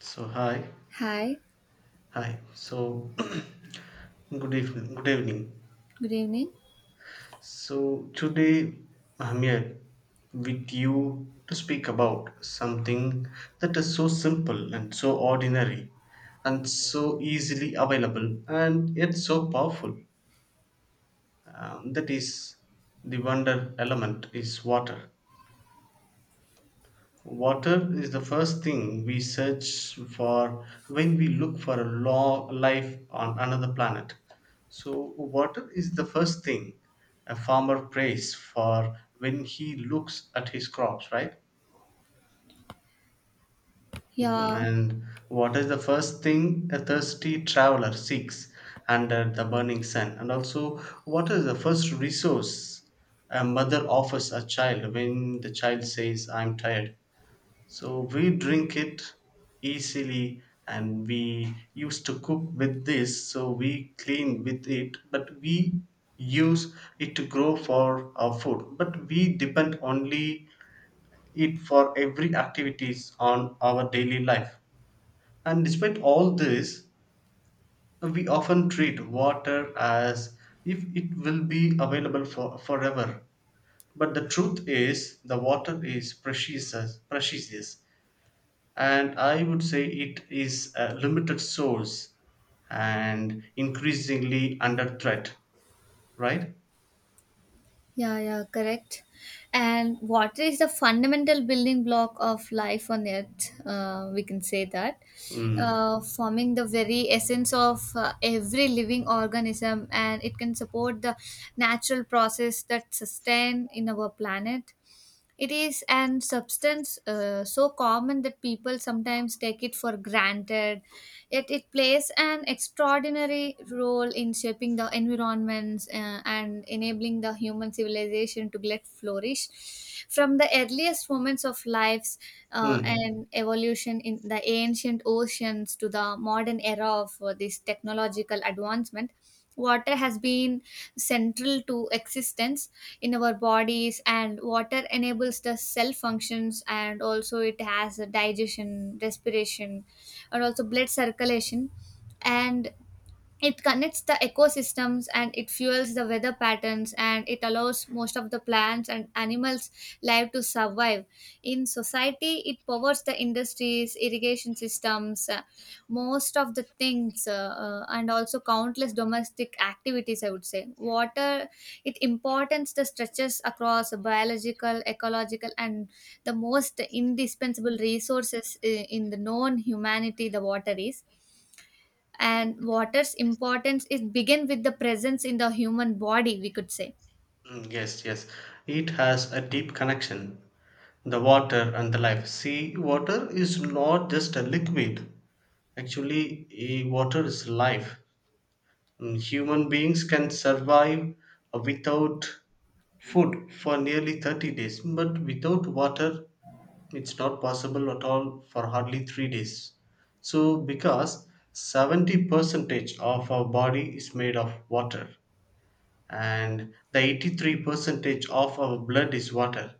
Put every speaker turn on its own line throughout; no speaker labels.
So hi,
Hi,
hi. So good evening, good evening.
good evening.
So today I'm here with you to speak about something that is so simple and so ordinary and so easily available and yet so powerful. That is the wonder element is water. Water is the first thing we search for when we look for a long life on another planet. So, water is the first thing a farmer prays for when he looks at his crops, right?
Yeah,
And what is the first thing a thirsty traveler seeks under the burning sun. And also, what is the first resource a mother offers a child when the child says, I'm tired. So we drink it easily and we used to cook with this, so we clean with it, but we use it to grow for our food. But we depend only it for every activities on our daily life. And despite all this, we often treat water as if it will be available for forever. But the truth is the water is precious and I would say it is a limited source and increasingly under threat, right?
yeah, yeah, correct. And water is the fundamental building block of life on earth. We can say that,
Mm.
forming the very essence of every living organism, and it can support the natural process that sustain in our planet. It is an substance so common that people sometimes take it for granted, yet it plays an extraordinary role in shaping the environments and enabling the human civilization to let flourish. From the earliest moments of lives
Mm.
and evolution in the ancient oceans to the modern era of this technological advancement, water has been central to existence in our bodies, and water enables the cell functions, and also it has a digestion, respiration, and also blood circulation. And it connects the ecosystems, and it fuels the weather patterns, and it allows most of the plants and animals life to survive. In society, it powers the industries, irrigation systems, most of the things, and also countless domestic activities. I would say water, it importance the stretches across biological, ecological, and the most indispensable resources in the known humanity. The water is, and water's importance is begin with the presence in the human body, we could say.
Mm. Yes, yes. It has a deep connection. The water and the life. See, water is not just a liquid. Actually, water is life. Mm, human beings can survive without food for nearly 30 days, but without water, it's not possible at all for hardly 3 days. So, because 70 percentage of our body is made of water, and the 83 percentage of our blood is water,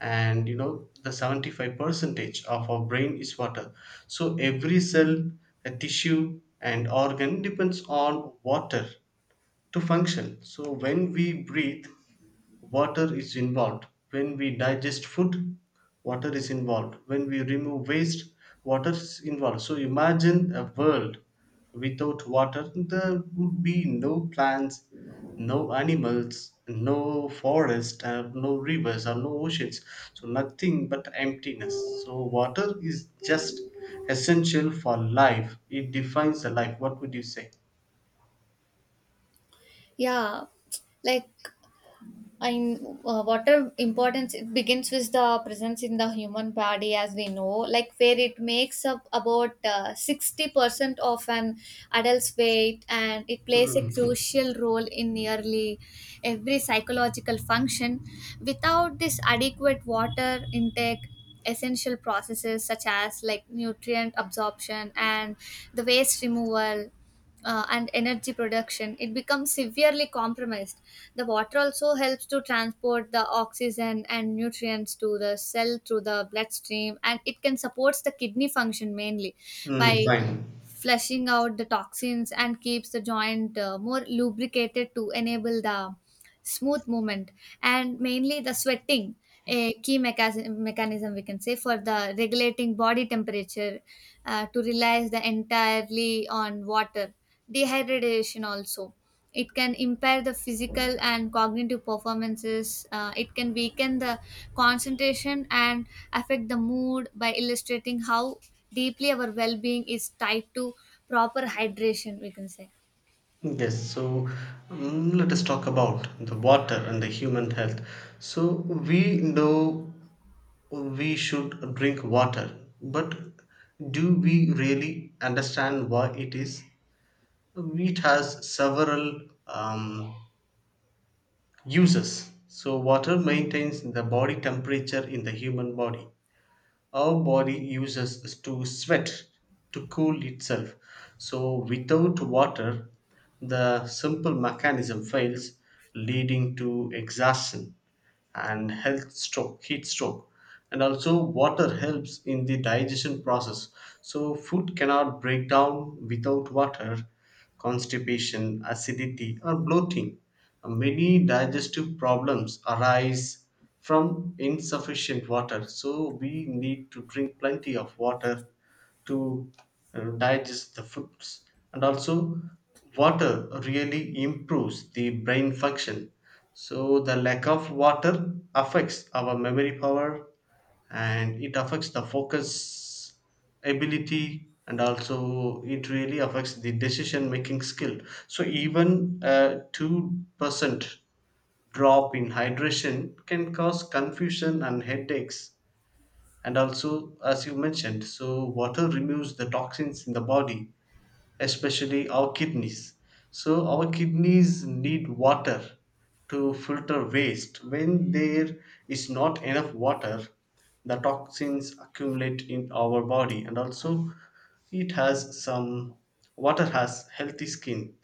and you know, the 75 percentage of our brain is water. So, every cell, a tissue, and organ depends on water to function. So, when we breathe, water is involved. When we digest food, water is involved. When we remove waste, water is involved. So imagine a world without water. There would be no plants, no animals, no forest, and no rivers or no oceans. So nothing but emptiness. So water is just essential for life. It defines the life. What would you say?
Yeah, like and what importance it begins with the presence in the human body, as we know, like where it makes up about 60% of an adult's weight, and it plays a
Mhm.
crucial role in nearly every psychological function. Without this adequate water intake, essential processes such as like nutrient absorption and the waste removal and energy production, it becomes severely compromised. The water also helps to transport the oxygen and nutrients to the cell through the bloodstream, and it can supports the kidney function, mainly
Mm,
by
fine.
flushing out the toxins, and keeps the joint more lubricated to enable the smooth movement. And mainly the sweating, a key mechanism we can say for the regulating body temperature, to rely the entirely on water. Dehydration also, it can impair the physical and cognitive performances, it can weaken the concentration and affect the mood, by illustrating how deeply our well-being is tied to proper hydration, we can say.
Yes, so mm, let us talk about the water and the human health. So we know we should drink water, but do we really understand why it is? It has several uses. So water maintains the body temperature in the human body, our body uses to sweat to cool itself. So, without water, the simple mechanism fails, leading to exhaustion and health stroke, heat stroke. And also, water helps in the digestion process. So, food cannot break down without water, constipation, acidity, or bloating, many digestive problems arise from insufficient water, so we need to drink plenty of water to digest the foods. And also water really improves the brain function, so the lack of water affects our memory power and it affects the focus ability and also it really affects the decision making skill. So even a 2% drop in hydration can cause confusion and headaches. And also, as you mentioned, so water removes the toxins in the body, especially our kidneys. So, our kidneys need water to filter waste. When there is not enough water, the toxins accumulate in our body, and also it has some, water has healthy skin.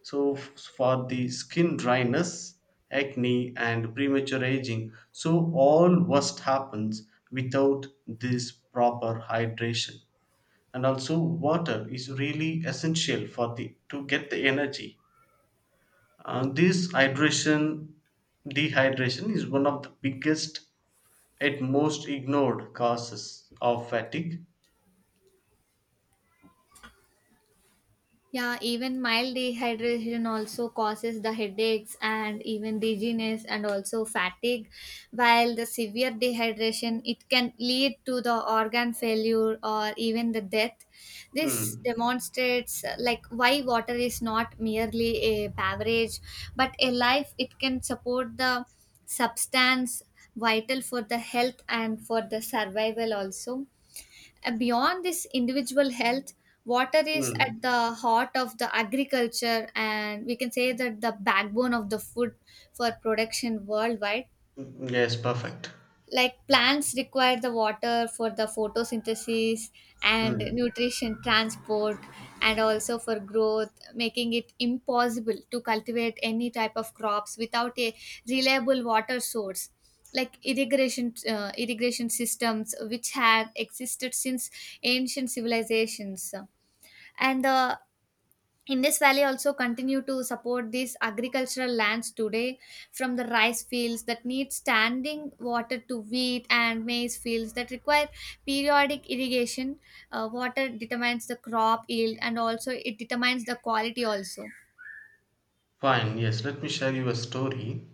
So, for the skin dryness, acne, and premature aging, so all worst happens without this proper hydration. And also water is really essential for the to get the energy, and this hydration, dehydration is one of the biggest and most ignored causes of fatigue.
Yeah, even mild dehydration also causes the headaches and even dizziness and also fatigue. While the severe dehydration, it can lead to the organ failure or even the death. This
Hmm.
demonstrates like why water is not merely a beverage, but a life. It can support the substance vital for the health and for the survival also. Beyond this individual health, water is
Hmm.
at the heart of the agriculture, and we can say that the backbone of the food for production worldwide.
Yes, perfect.
Like plants require the water for the photosynthesis and
Hmm.
nutrition transport and also for growth, making it impossible to cultivate any type of crops without a reliable water source, like irrigation, irrigation systems which had existed since ancient civilizations and the Indus Valley, also continue to support these agricultural lands today, from the rice fields that need standing water to wheat and maize fields that require periodic irrigation. Water determines the crop yield and also it determines the quality also.
Fine. Yes, let me share you a story,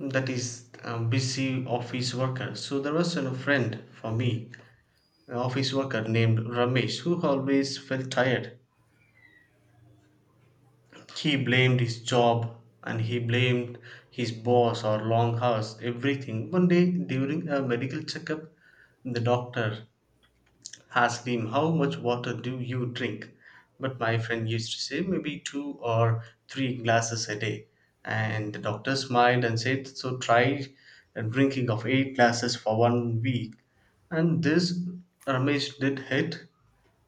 that is a busy office worker. So there was a friend for me, an office worker named Ramesh, who always felt tired. He blamed his job and he blamed his boss or long hours, everything. One day during a medical checkup, the doctor asked him, "How much water do you drink?" But my friend used to say, "Maybe two or three glasses a day." And the doctor smiled and said, "So try a drinking of eight glasses for 1 week." And this Ramesh did it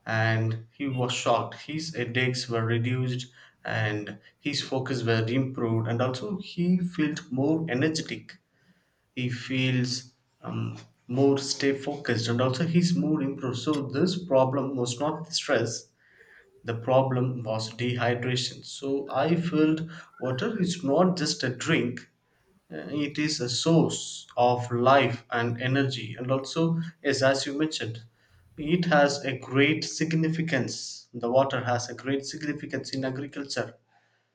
and he was shocked. His headaches were reduced and his focus were improved, and also he felt more energetic. He feels um, more stay focused, and also his mood improved. So this problem was not the stress. The problem was dehydration. So I felt water is not just a drink; it is a source of life and energy. And also, yes, as you mentioned, it has a great significance, the water has a great significance in agriculture.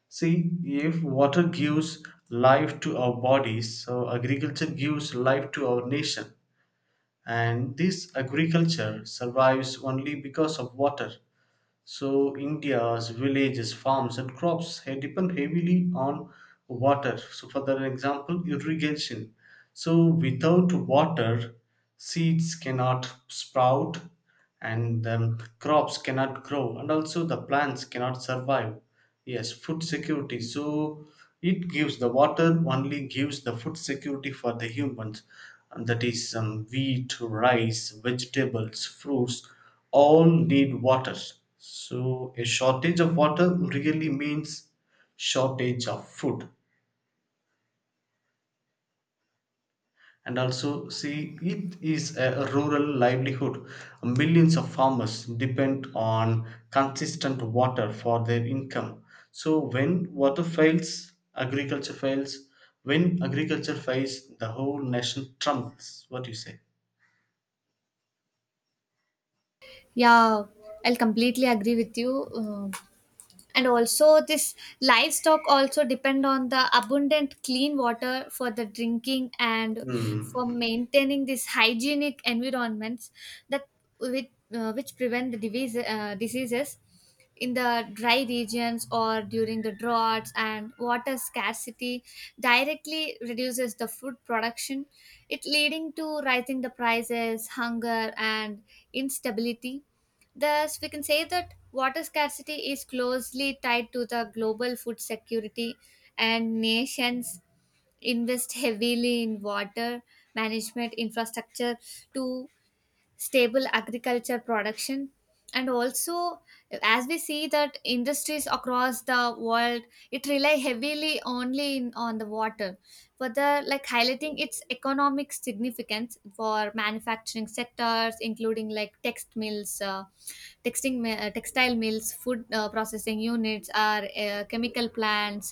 See, if water gives life to our bodies, so agriculture gives life to our nation, and this agriculture survives only because of water. So India's villages, farms, and crops depend heavily on water. So, for that example, irrigation. So, without water, seeds cannot sprout, and crops cannot grow and also the plants cannot survive. Yes, food security, so it gives, the water only gives the food security for the humans, and that is wheat, rice, vegetables, fruits, all need water. So a shortage of water really means shortage of food. And also, see it is a rural livelihood, millions of farmers depend on consistent water for their income. So when water fails, agriculture fails. When agriculture fails, the whole nation trembles. What do you say?
Yeah, I'll completely agree with you. Uh, and also this livestock also depend on the abundant clean water for the drinking and for
Hmm.
maintaining this hygienic environments that with, which prevent the disease, diseases in the dry regions or during the droughts. And water scarcity directly reduces the food production, it leading to rising the prices, hunger, and instability. Thus, we can say that water scarcity is closely tied to the global food security, and nations invest heavily in water management infrastructure to stable agriculture production. And also, as we see that industries across the world, it rely heavily on the water, further like highlighting its economic significance for manufacturing sectors, including like text mills, textile mills, food processing units, or chemical plants,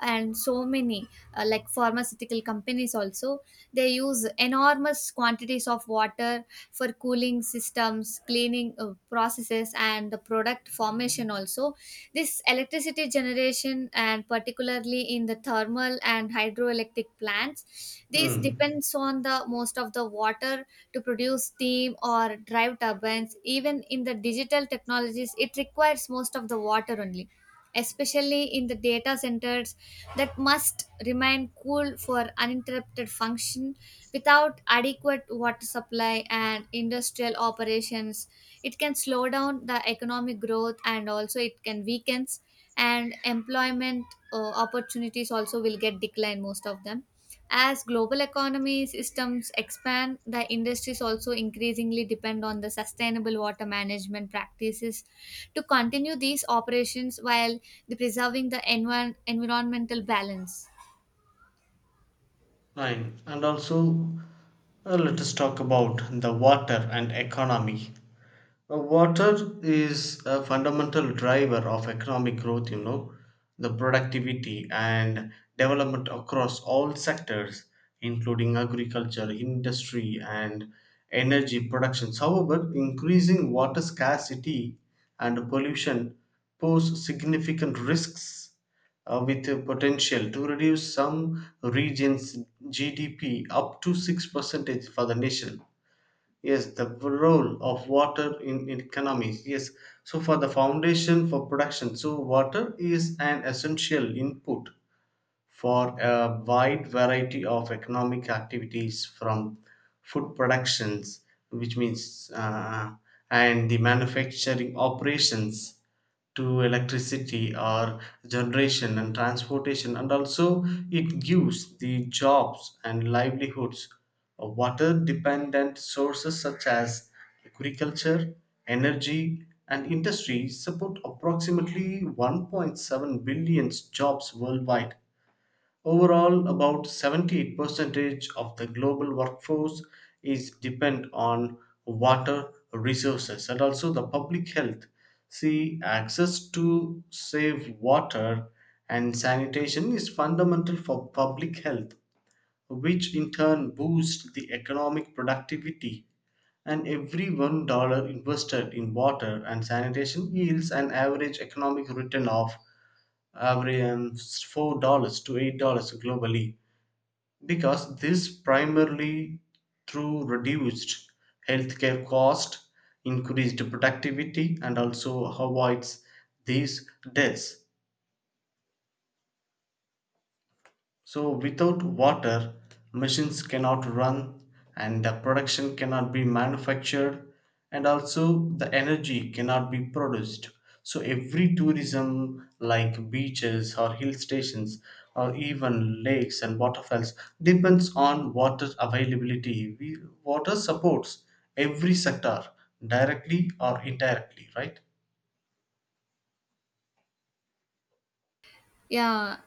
and so many like pharmaceutical companies also. They use enormous quantities of water for cooling systems, cleaning processes, and the product formation also. This electricity generation, and particularly in the thermal and hydroelectric plants, this
Hmm.
depends on the most of the water to produce steam or drive turbines. Even in the digital technologies, it requires most of the water only, especially in the data centers that must remain cool for uninterrupted function. Without adequate water supply and industrial operations, it can slow down the economic growth, and also it can weakens and employment opportunities also will get declined most of them. As global economy systems expand, the industries also increasingly depend on the sustainable water management practices to continue these operations while the preserving the environmental balance.
Fine. And also, let us talk about the water and economy. Water is a fundamental driver of economic growth, you know, the productivity and development across all sectors, including agriculture, industry, and energy production. However, increasing water scarcity and pollution pose significant risks with the potential to reduce some regions' GDP up to 6% for the nation. Yes, the role of water in economies. Yes, so for the foundation for production, so water is an essential input for a wide variety of economic activities, from food productions, which means and the manufacturing operations to electricity or generation and transportation. And also it gives the jobs and livelihoods, water dependent sources such as agriculture, energy and industry support approximately 1.7 billion jobs worldwide. Overall, about 78% of the global workforce is dependent on water resources. And also the public health. See, access to safe water and sanitation is fundamental for public health, which in turn boosts the economic productivity. And every $1 invested in water and sanitation yields an average economic return of average $4 to $8 globally, because this primarily through reduced healthcare cost, increased productivity and also avoids these deaths. So, without water, machines cannot run and the production cannot be manufactured, and also the energy cannot be produced. So, every tourism like beaches or hill stations or even lakes and waterfalls depends on water availability. We, water supports every sector directly or indirectly, right?
Yeah,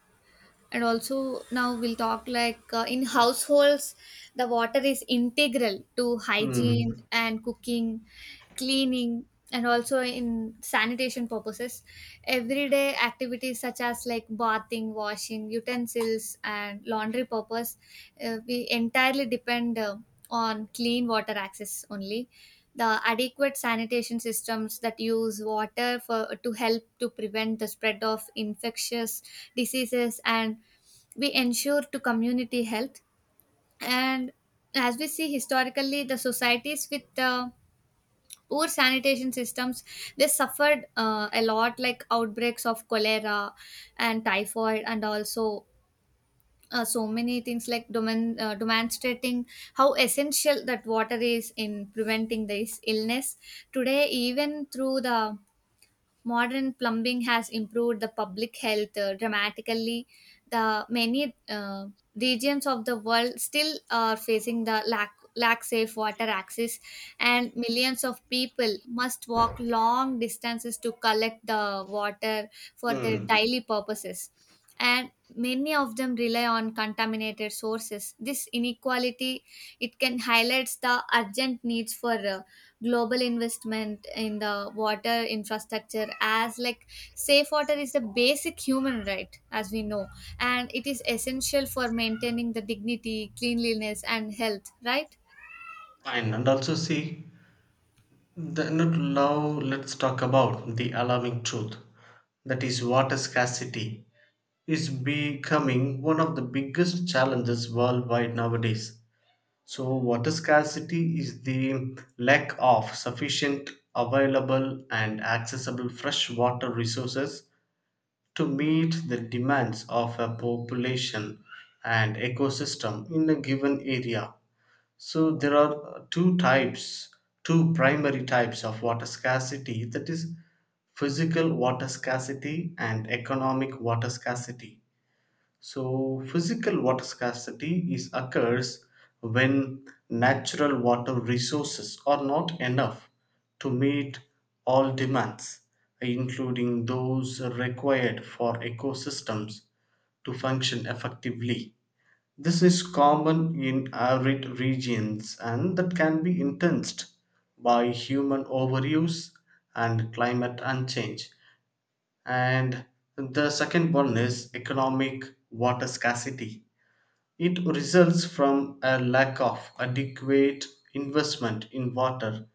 and also now we'll talk like in households the water is integral to
Hmm.
hygiene and cooking, cleaning, and also in sanitation purposes. Everyday activities such as like bathing, washing utensils, and laundry purpose, we entirely depend on clean water access only. The adequate sanitation systems that use water for to help to prevent the spread of infectious diseases, and we ensure to community health. And as we see historically, the societies with poor sanitation systems, they suffered a lot, like outbreaks of cholera and typhoid, and also so many things, like demonstrating how essential that water is in preventing this illness. Today even through the modern plumbing has improved the public health dramatically, the many regions of the world still are facing the lack safe water access, and millions of people must walk long distances to collect the water for their
Hmm.
daily purposes, and many of them rely on contaminated sources. This inequality, it can highlights the urgent needs for global investment in the water infrastructure, as like safe water is a basic human right, as we know, and it is essential for maintaining the dignity, cleanliness, and health, right.
Fine. And also, see, the, not now let's talk about the alarming truth, that is water scarcity is becoming one of the biggest challenges worldwide nowadays. So water scarcity is the lack of sufficient available and accessible fresh water resources to meet the demands of a population and ecosystem in a given area. So there are uh, two types, two primary types of water scarcity, that is physical water scarcity and economic water scarcity. So physical water scarcity is occurs when natural water resources are not enough to meet all demands, including those required for ecosystems to function effectively. This is common in arid regions and that can be intensified by human overuse and climate and change. And the second one is economic water scarcity. It results from a lack of adequate investment in water,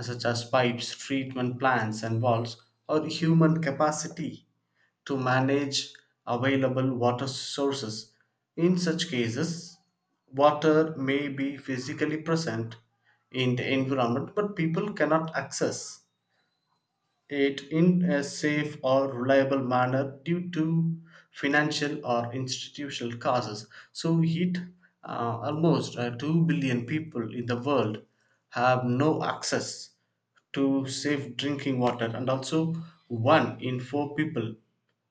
such as pipes, treatment plants, and walls, or human capacity to manage available water sources. In such cases, water may be physically present in the environment, but people cannot access it in a safe or reliable manner due to financial or institutional causes. So, it almost 2 billion people in the world have no access to safe drinking water, and also one in four people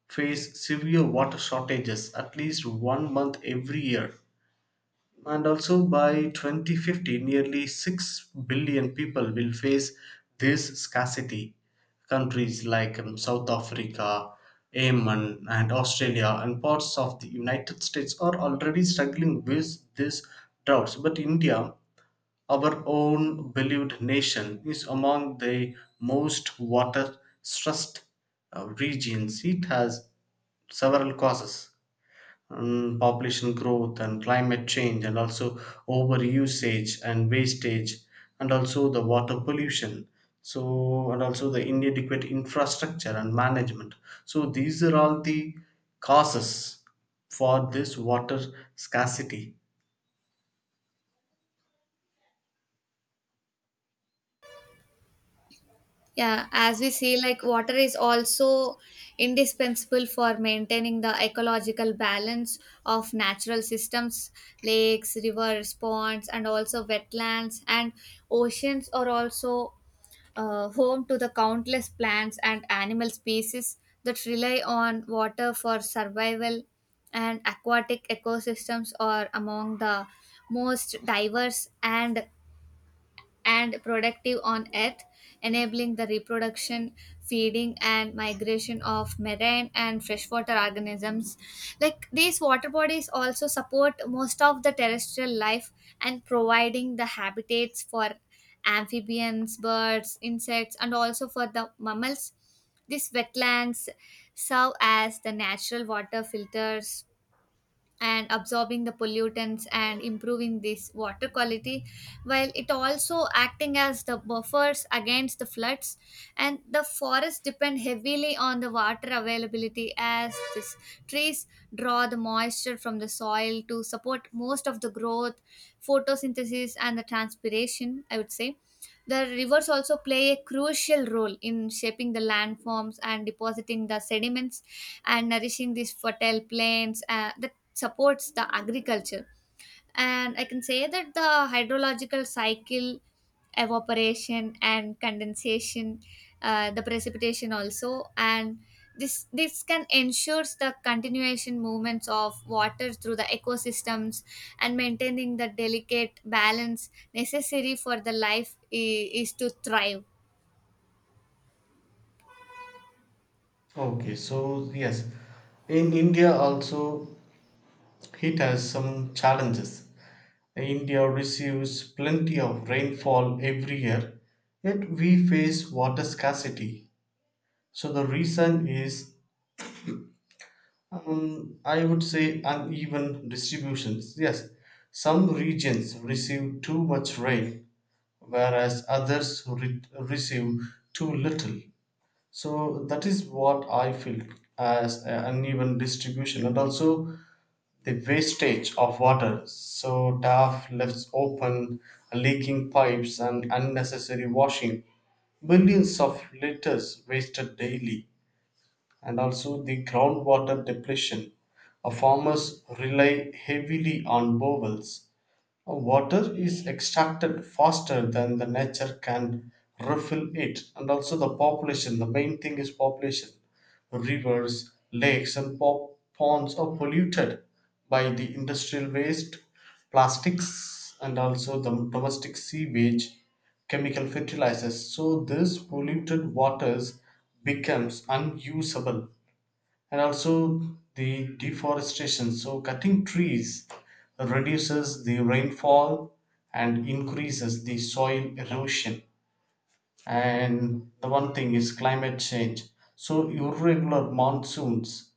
face severe water shortages at least one month every year. And also by 2050, nearly 6 billion people will face this scarcity. Countries like South Africa, Yemen, and Australia, and parts of the United States are already struggling with these droughts. But India, our own beloved nation, is among the most water stressed regions. It has several causes, mm, population growth and climate change, and also over usage and wastage, and also the water pollution, so and also the inadequate infrastructure and management. So these are all the causes for this water scarcity.
Yeah, as we see, like water is also indispensable for maintaining the ecological balance of natural systems. Lakes, rivers, ponds, and also wetlands and oceans are also home to the countless plants and animal species that rely on water for survival, and aquatic ecosystems are among the most diverse and productive on Earth, enabling the reproduction, feeding, and migration of marine and freshwater organisms. Like these water bodies also support most of the terrestrial life, and providing the habitats for amphibians, birds, insects, and also for the mammals. These wetlands serve as the natural water filters and absorbing the pollutants and improving this water quality, while it also acting as the buffers against the floods. And the forests depend heavily on the water availability, as these trees draw the moisture from the soil to support most of the growth, photosynthesis, and the transpiration, I would say. The rivers also play a crucial role in shaping the landforms and depositing the sediments and nourishing these fertile plains, that supports the agriculture. And I can say that the hydrological cycle, evaporation and condensation, the precipitation also, and this can ensures the continuation movements of water through the ecosystems and maintaining the delicate balance necessary for the life is to thrive.
Okay, so yes, in India also, it has some challenges. India receives plenty of rainfall every year, yet we face water scarcity. So the reason is, I would say, uneven distributions. Yes, some regions receive too much rain, whereas others receive too little. So that is what I feel as an uneven distribution, and also the wastage of water, so DAF lifts open leaking pipes and unnecessary washing, billions of liters wasted daily, and also the groundwater depletion. Farmers rely heavily on bowels. Water is extracted faster than the nature can refill it, and also the population, the main thing is population. Rivers, lakes and ponds are polluted by the industrial waste, plastics and also the domestic sewage, chemical fertilizers. So this polluted waters becomes unusable, and also the deforestation, so cutting trees reduces the rainfall and increases the soil erosion. And the one thing is climate change, so irregular monsoons,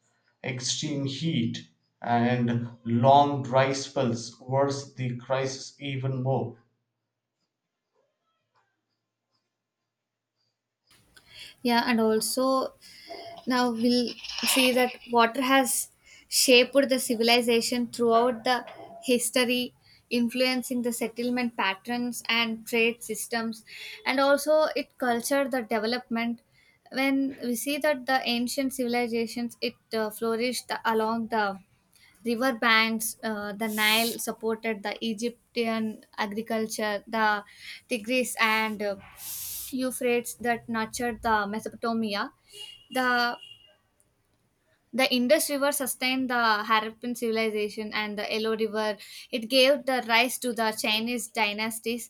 extreme heat and long dry spells worsen the crisis even more.
Yeah, and also now we'll see that water has shaped the civilization throughout the history, influencing the settlement patterns and trade systems, and also it cultured the development. When we see that the ancient civilizations, it flourished along the river banks. The Nile supported the Egyptian agriculture, the Tigris and Euphrates that nurtured the Mesopotamia. The the Indus River sustained the Harappan civilization, and the Yellow River, it gave the rise to the Chinese dynasties.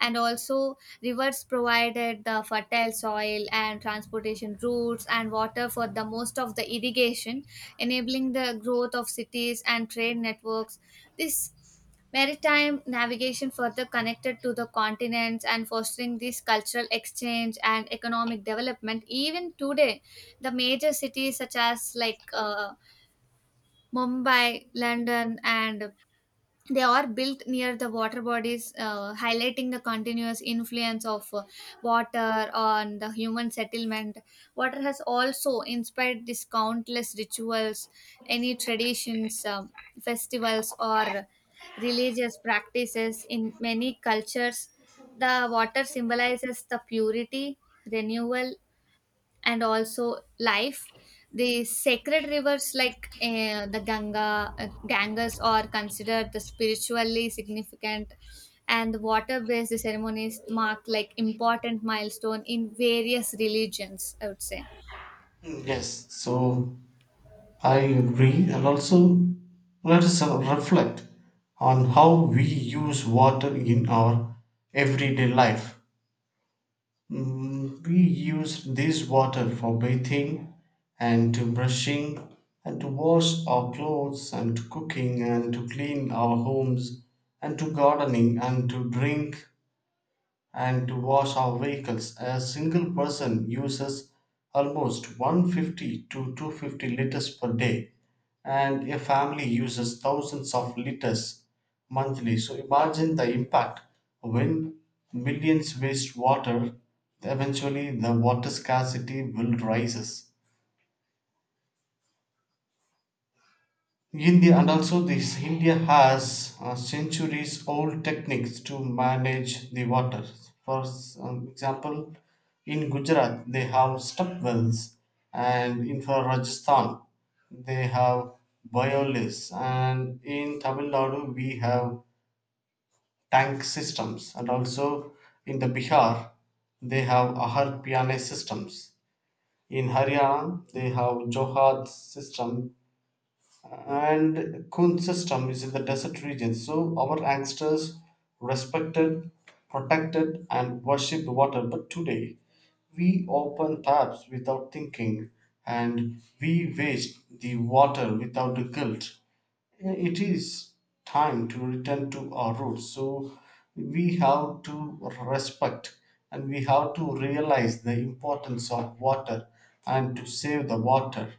And also, rivers provided the fertile soil and transportation routes and water for the most of the irrigation, enabling the growth of cities and trade networks. This Maritime navigation further connected to the continents and fostering this cultural exchange and economic development. Even today, the major cities such as like Mumbai, London, and they are built near the water bodies, highlighting the continuous influence of water on the human settlement. Water has also inspired these countless rituals, any traditions, festivals, or religious practices in many cultures. The water symbolizes the purity, renewal, and also life. The sacred rivers like the Ganga, Ganges, are considered the spiritually significant, and the water based ceremonies mark like important milestone in various religions, I would say.
Yes, so I agree, and also let us reflect on how we use water in our everyday life. We use this water for bathing and to brushing, and to wash our clothes, and to cooking, and to clean our homes, and to gardening, and to drink, and to wash our vehicles. A single person uses almost 150 to 250 liters per day, and a family uses thousands of liters monthly. So imagine the impact when millions waste water, eventually the water scarcity will rises. India, and also this India has centuries old techniques to manage the water. For example, in Gujarat they have step wells, and in for Rajasthan they have boilers, and in Tamil Nadu we have tank systems, and also in the Bihar they have Ahar Piyane systems. In Haryana they have Johad system, and Kun system is in the desert region. So our ancestors respected, protected, and worshipped water. But today, we open taps without thinking, and we waste the water without the guilt. It is time to return to our roots. So we have to respect, and we have to realize the importance of water, and to save the water.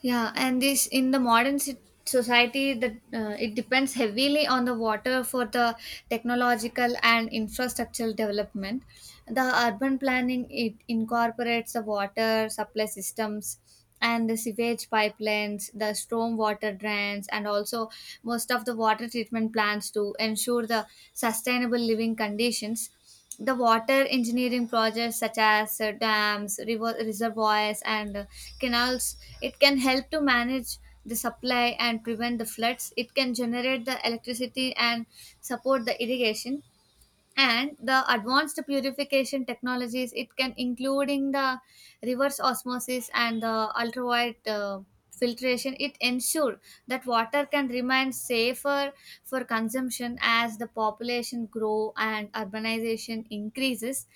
Yeah, and this in the modern society, that it depends heavily on the water for the technological and infrastructural development. The urban planning it incorporates the water supply systems and the sewage pipelines, the storm water drains, and also most of the water treatment plants to ensure the sustainable living conditions. The water engineering projects such as dams river, reservoirs and canals it can help to manage the supply and prevent the floods. It can generate the electricity and support the irrigation. And the advanced purification technologies it can including the reverse osmosis and the ultraviolet filtration it ensure that water can remain safer for consumption. As the population grow and urbanization increases,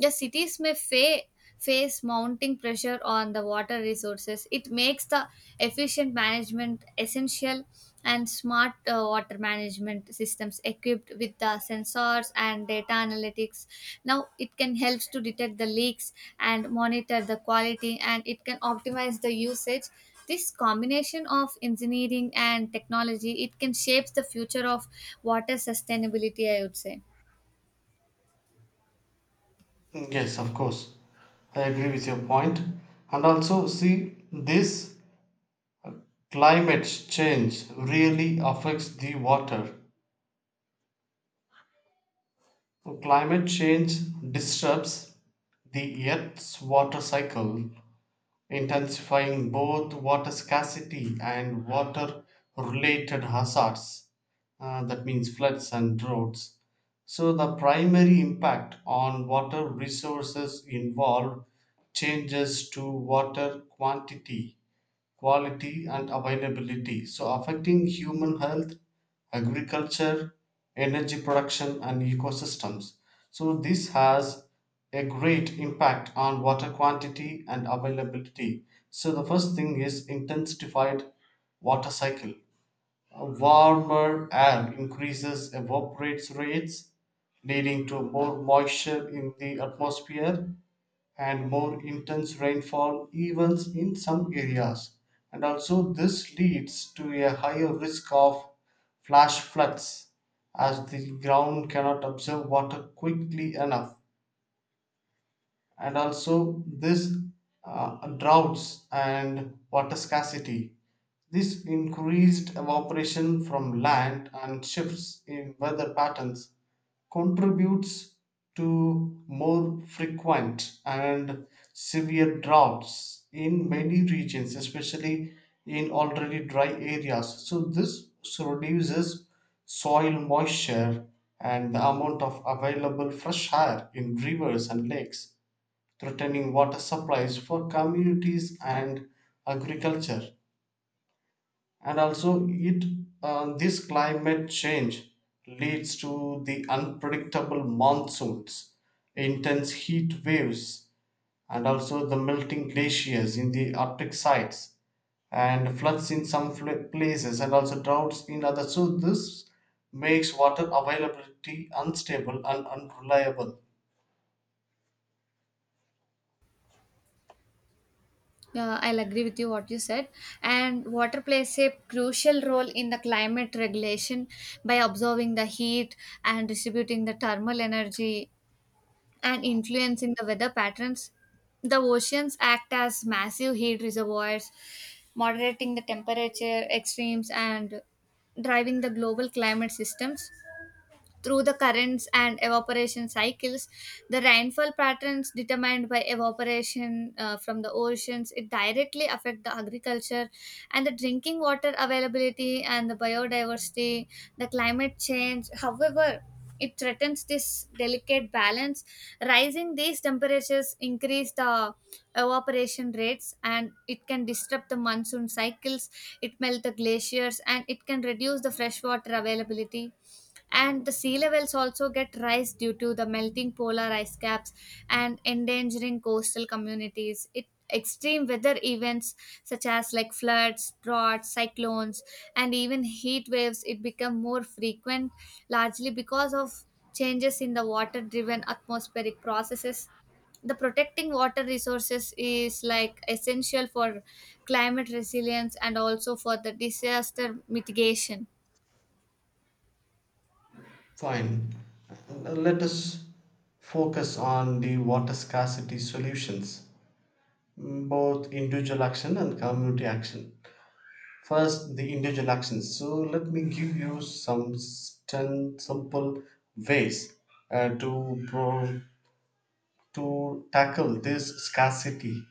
the cities may face mounting pressure on the water resources. It makes the efficient management essential. And smart water management systems equipped with the sensors and data analytics now it can help to detect the leaks and monitor the quality and it can optimize the usage. This combination of engineering and technology it can shape the future of water sustainability, I would say.
Yes, of course. I agree with your point. And also, see, this climate change really affects the water. So, climate change disturbs the Earth's water cycle, intensifying both water scarcity and water related hazards, that means floods and droughts. So the primary impact on water resources involved changes to water quantity, quality and availability. So affecting human health, agriculture, energy production and ecosystems. So this has a great impact on water quantity and availability. So the first thing is intensified water cycle. A warmer air increases evaporate rates, leading to more moisture in the atmosphere and more intense rainfall events in some areas. And also this leads to a higher risk of flash floods, as the ground cannot absorb water quickly enough. And also this, droughts and water scarcity. This increased evaporation from land and shifts in weather patterns contributes to more frequent and severe droughts in many regions, especially in already dry areas. So, this reduces soil moisture and the amount of available fresh air in rivers and lakes, threatening water supplies for communities and agriculture. And also, it this climate change leads to the unpredictable monsoons, intense heat waves, and also the melting glaciers in the Arctic sites, and floods in some places, and also droughts in others. So this makes water availability unstable and unreliable.
Yeah, I'll agree with you what you said. And water plays a crucial role in the climate regulation by absorbing the heat and distributing the thermal energy and influencing the weather patterns. The oceans act as massive heat reservoirs, moderating the temperature extremes and driving the global climate systems. Through the currents and evaporation cycles, the rainfall patterns determined by evaporation from the oceans it directly affect the agriculture and the drinking water availability and the biodiversity, the climate change. However, it threatens this delicate balance. Rising these temperatures increase the evaporation rates and it can disrupt the monsoon cycles, it melt the glaciers and it can reduce the freshwater availability and the sea levels also get rise due to the melting polar ice caps and endangering coastal communities it extreme weather events such as like floods droughts cyclones and even heat waves it become more frequent largely because of changes in the water driven atmospheric processes. The protecting water resources is like essential for climate resilience and also for the disaster mitigation.
Fine. Let us focus on the water scarcity solutions, mm, both individual action and community action. First, the individual actions. So, let me give you some s- 10 simple ways uh, to, pro- to tackle this scarcity.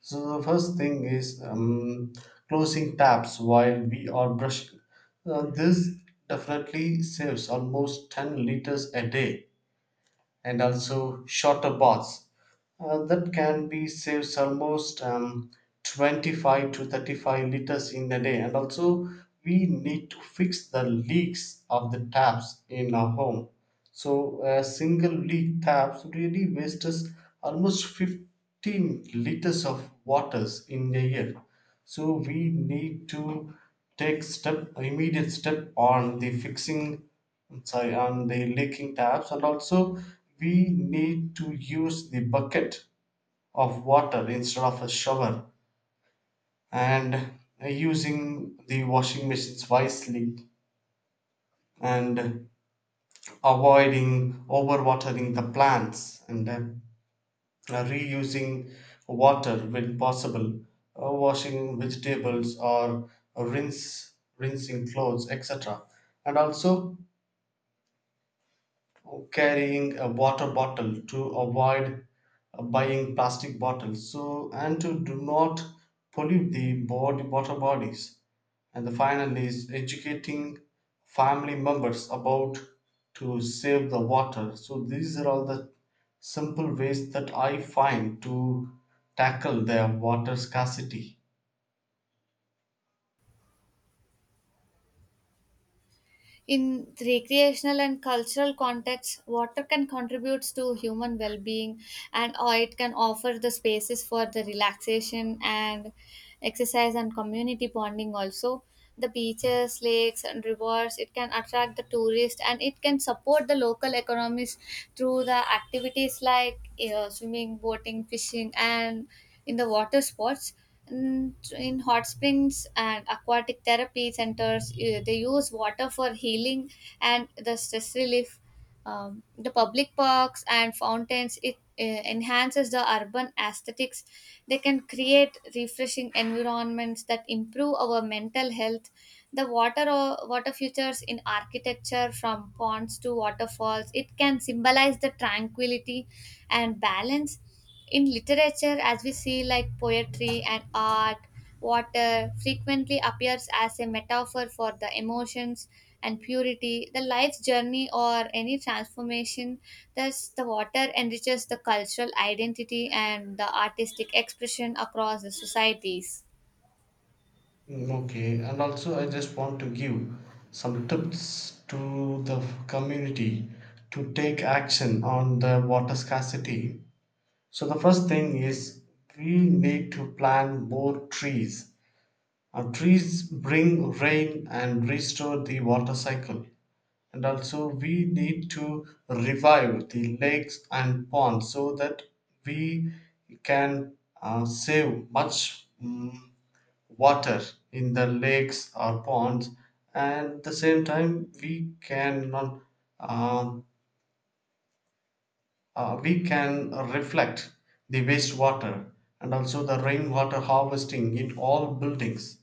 So, the first thing is closing taps while we are brushing. This definitely saves almost 10 liters a day, and also shorter baths. That can be saves almost 25 to 35 liters in a day. And also, we need to fix the leaks of the taps in our home. So, a single leak taps really wastes almost 15 liters of waters in a year. So, we need to take step, immediate step on the fixing, sorry, on the leaking taps. And also we need to use the bucket of water instead of a shower, and using the washing machines wisely, and avoiding overwatering the plants, and reusing water when possible, washing vegetables or rinse rinsing clothes, etc. And also carrying a water bottle to avoid buying plastic bottles, so and to do not pollute the body, water bodies. And the final is educating family members about to save the water. So these are all the simple ways that I find to tackle their water scarcity.
In recreational and cultural contexts, water can contribute to human well being and or it can offer the spaces for the relaxation and exercise and community bonding. Also the beaches lakes and rivers it can attract the tourists and it can support the local economies through the activities like swimming boating fishing and in the water sports. In hot springs and aquatic therapy centers they use water for healing and the stress relief. The public parks and fountains it enhances the urban aesthetics. They can create refreshing environments that improve our mental health. The water or water features in architecture, from ponds to waterfalls, it can symbolize the tranquility and balance. In literature, as we see, like poetry and art, water frequently appears as a metaphor for the emotions and purity, the life's journey, or any transformation. Thus, the water enriches the cultural identity and the artistic expression across the societies.
Okay, and also I just want to give some tips to the f- community to take action on the water scarcity. So the first thing is we need to plant more trees. Trees bring rain and restore the water cycle. And also, we need to revive the lakes and ponds, so that we can save much, mm, water in the lakes or ponds. And at the same time, we can not, um, we can reflect the wastewater, and also the rainwater harvesting in all buildings.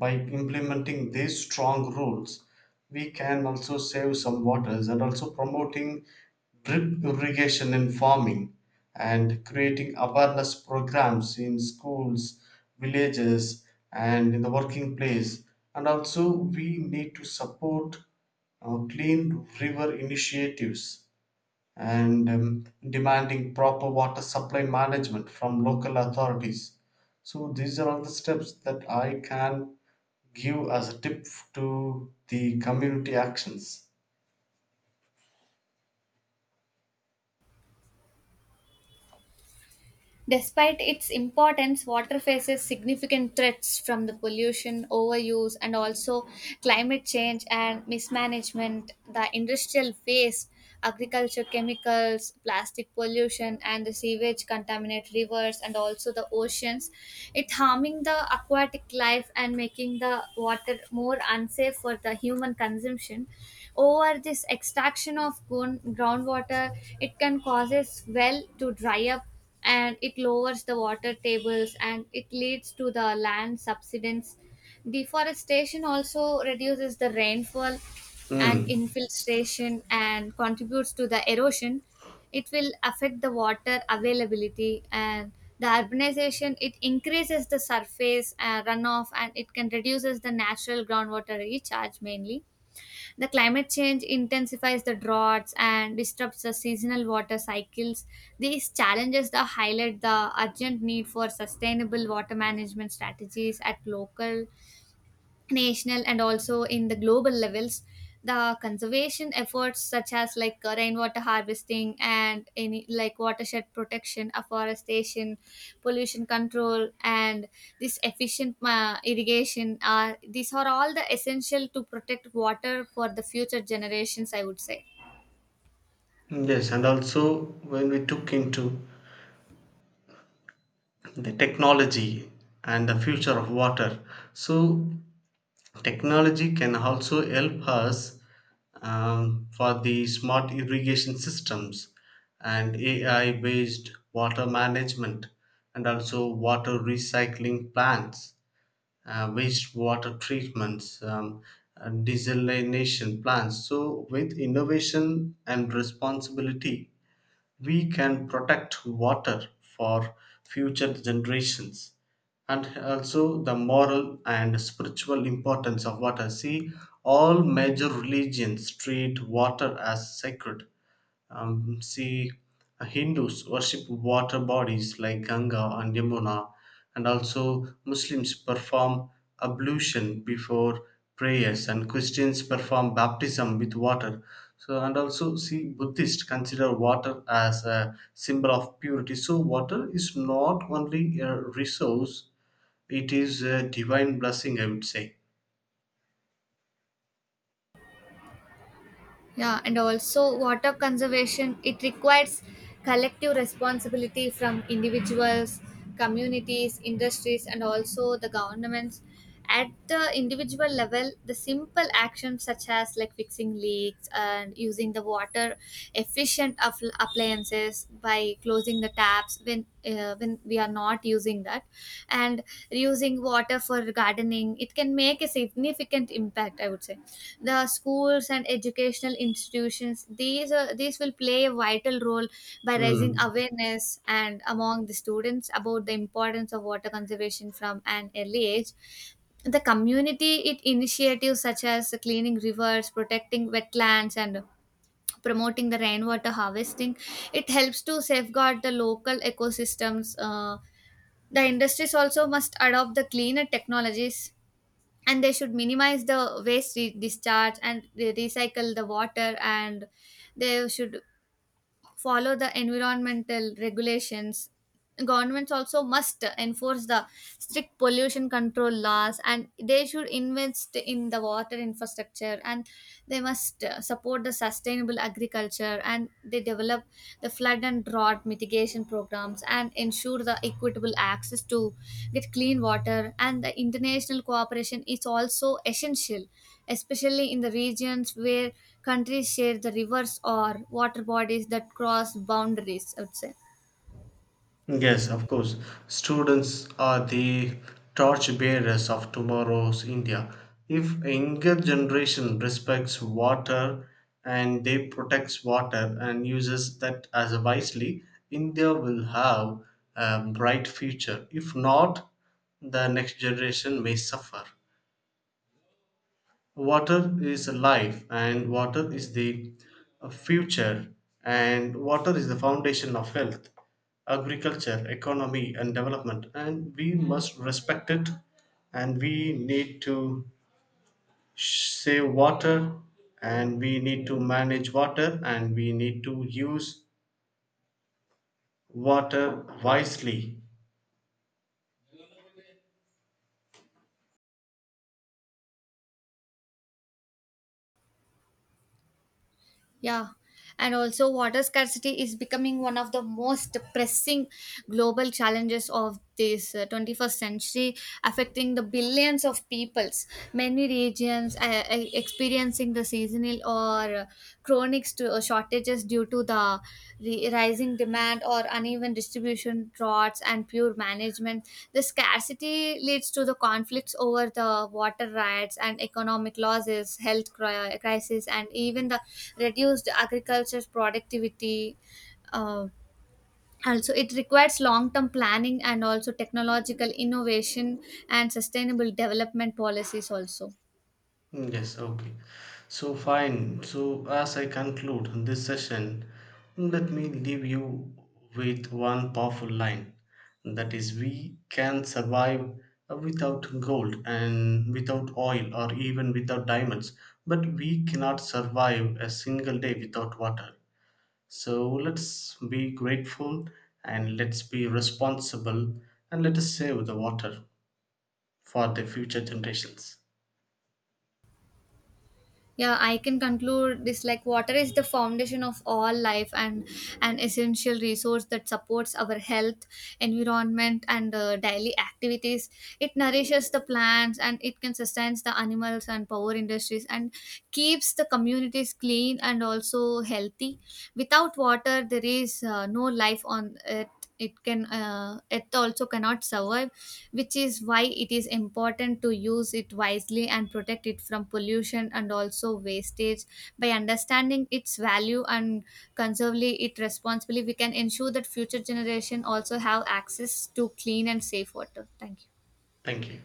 By implementing these strong rules, we can also save some waters, and also promoting drip irrigation in farming, and creating awareness programs in schools, villages, and in the working place. And also, we need to support clean river initiatives, and demanding proper water supply management from local authorities. So, these are all the steps that I can give as a tip to the community actions.
Despite its importance, water faces significant threats from the pollution, overuse, and also climate change and mismanagement, the industrial waste, agriculture chemicals, plastic pollution, and the sewage contaminate rivers and also the oceans. It harming the aquatic life and making the water more unsafe for the human consumption. Over this extraction of groundwater, it can causes well to dry up and it lowers the water tables and it leads to the land subsidence. Deforestation also reduces the rainfall and
Mm.
infiltration and contributes to the erosion. It will affect the water availability and the urbanization. It increases the surface runoff and it can reduces the natural groundwater recharge. Mainly the climate change intensifies the droughts and disrupts the seasonal water cycles. These challenges that highlight the urgent need for sustainable water management strategies at local, national and also in the global levels. The conservation efforts such as like rainwater harvesting and any like watershed protection, afforestation, pollution control and this efficient irrigation are these are all the essential to protect water for the future generations, I would say.
Yes, and also when we took into the technology and the future of water, so technology can also help us for the smart irrigation systems, and AI based water management, and also water recycling plants, wastewater treatments, desalination plants. So, with innovation and responsibility, we can protect water for future generations. And also the moral and spiritual importance of water. See, all major religions treat water as sacred, see, Hindus worship water bodies like Ganga and Yamuna, and also Muslims perform ablution before prayers, and Christians perform baptism with water. So, and also see, Buddhists consider water as a symbol of purity. So, water is not only a resource; it is a divine blessing, I would say.
Yeah, and also water conservation it requires collective responsibility from individuals, communities, industries and also the governments. At the individual level, the simple actions such as like fixing leaks and using the water efficient appliances by closing the taps when we are not using that, and reusing water for gardening it can make a significant impact, I would say. The schools and educational institutions these will play a vital role by raising
Hmm.
awareness and among the students about the importance of water conservation from an early age. The community it initiatives such as cleaning rivers, protecting wetlands and promoting the rainwater harvesting it helps to safeguard the local ecosystems. The industries also must adopt the cleaner technologies and they should minimize the waste discharge and recycle the water and they should follow the environmental regulations. Governments also must enforce the strict pollution control laws and they should invest in the water infrastructure and they must support the sustainable agriculture and they develop the flood and drought mitigation programs and ensure the equitable access to get clean water. And the international cooperation is also essential, especially in the regions where countries share the rivers or water bodies that cross boundaries, I would say.
Yes, of course. Students are the torchbearers of tomorrow's India. If a younger generation respects water, and they protects water and uses that as wisely, India will have a bright future. If not, the next generation may suffer. Water is life, and water is the, future, and water is the foundation of health, agriculture, economy, and development. And we must respect it, and we need to save water, and we need to manage water, and we need to use water wisely.
Yeah. And also, water scarcity is becoming one of the most pressing global challenges of this 21st century, affecting the billions of peoples. Many regions experiencing the seasonal or chronic shortages due to the rising demand or uneven distribution, droughts and poor management. The scarcity leads to the conflicts over the water rights and economic losses, health crisis and even the reduced agriculture productivity. uh, Also it requires long-term planning and also technological innovation and sustainable development policies also.
Yes, okay. So, fine. So, as I conclude this session, let me leave you with one powerful line, that is, we can survive without gold and without oil or even without diamonds, but we cannot survive a single day without water. So, let's be grateful, and let's be responsible, and let us save the water for the future generations.
Yeah, I can conclude this like water is the foundation of all life and an essential resource that supports our health, environment and daily activities. It nourishes the plants and it can sustain the animals and power industries and keeps the communities clean and also healthy. Without water there is no life on earth. It can it also cannot survive, which is why it is important to use it wisely and protect it from pollution and also wastage. By understanding its value and conserving it responsibly, we can ensure that future generation also have access to clean and safe water. Thank you.
Thank you.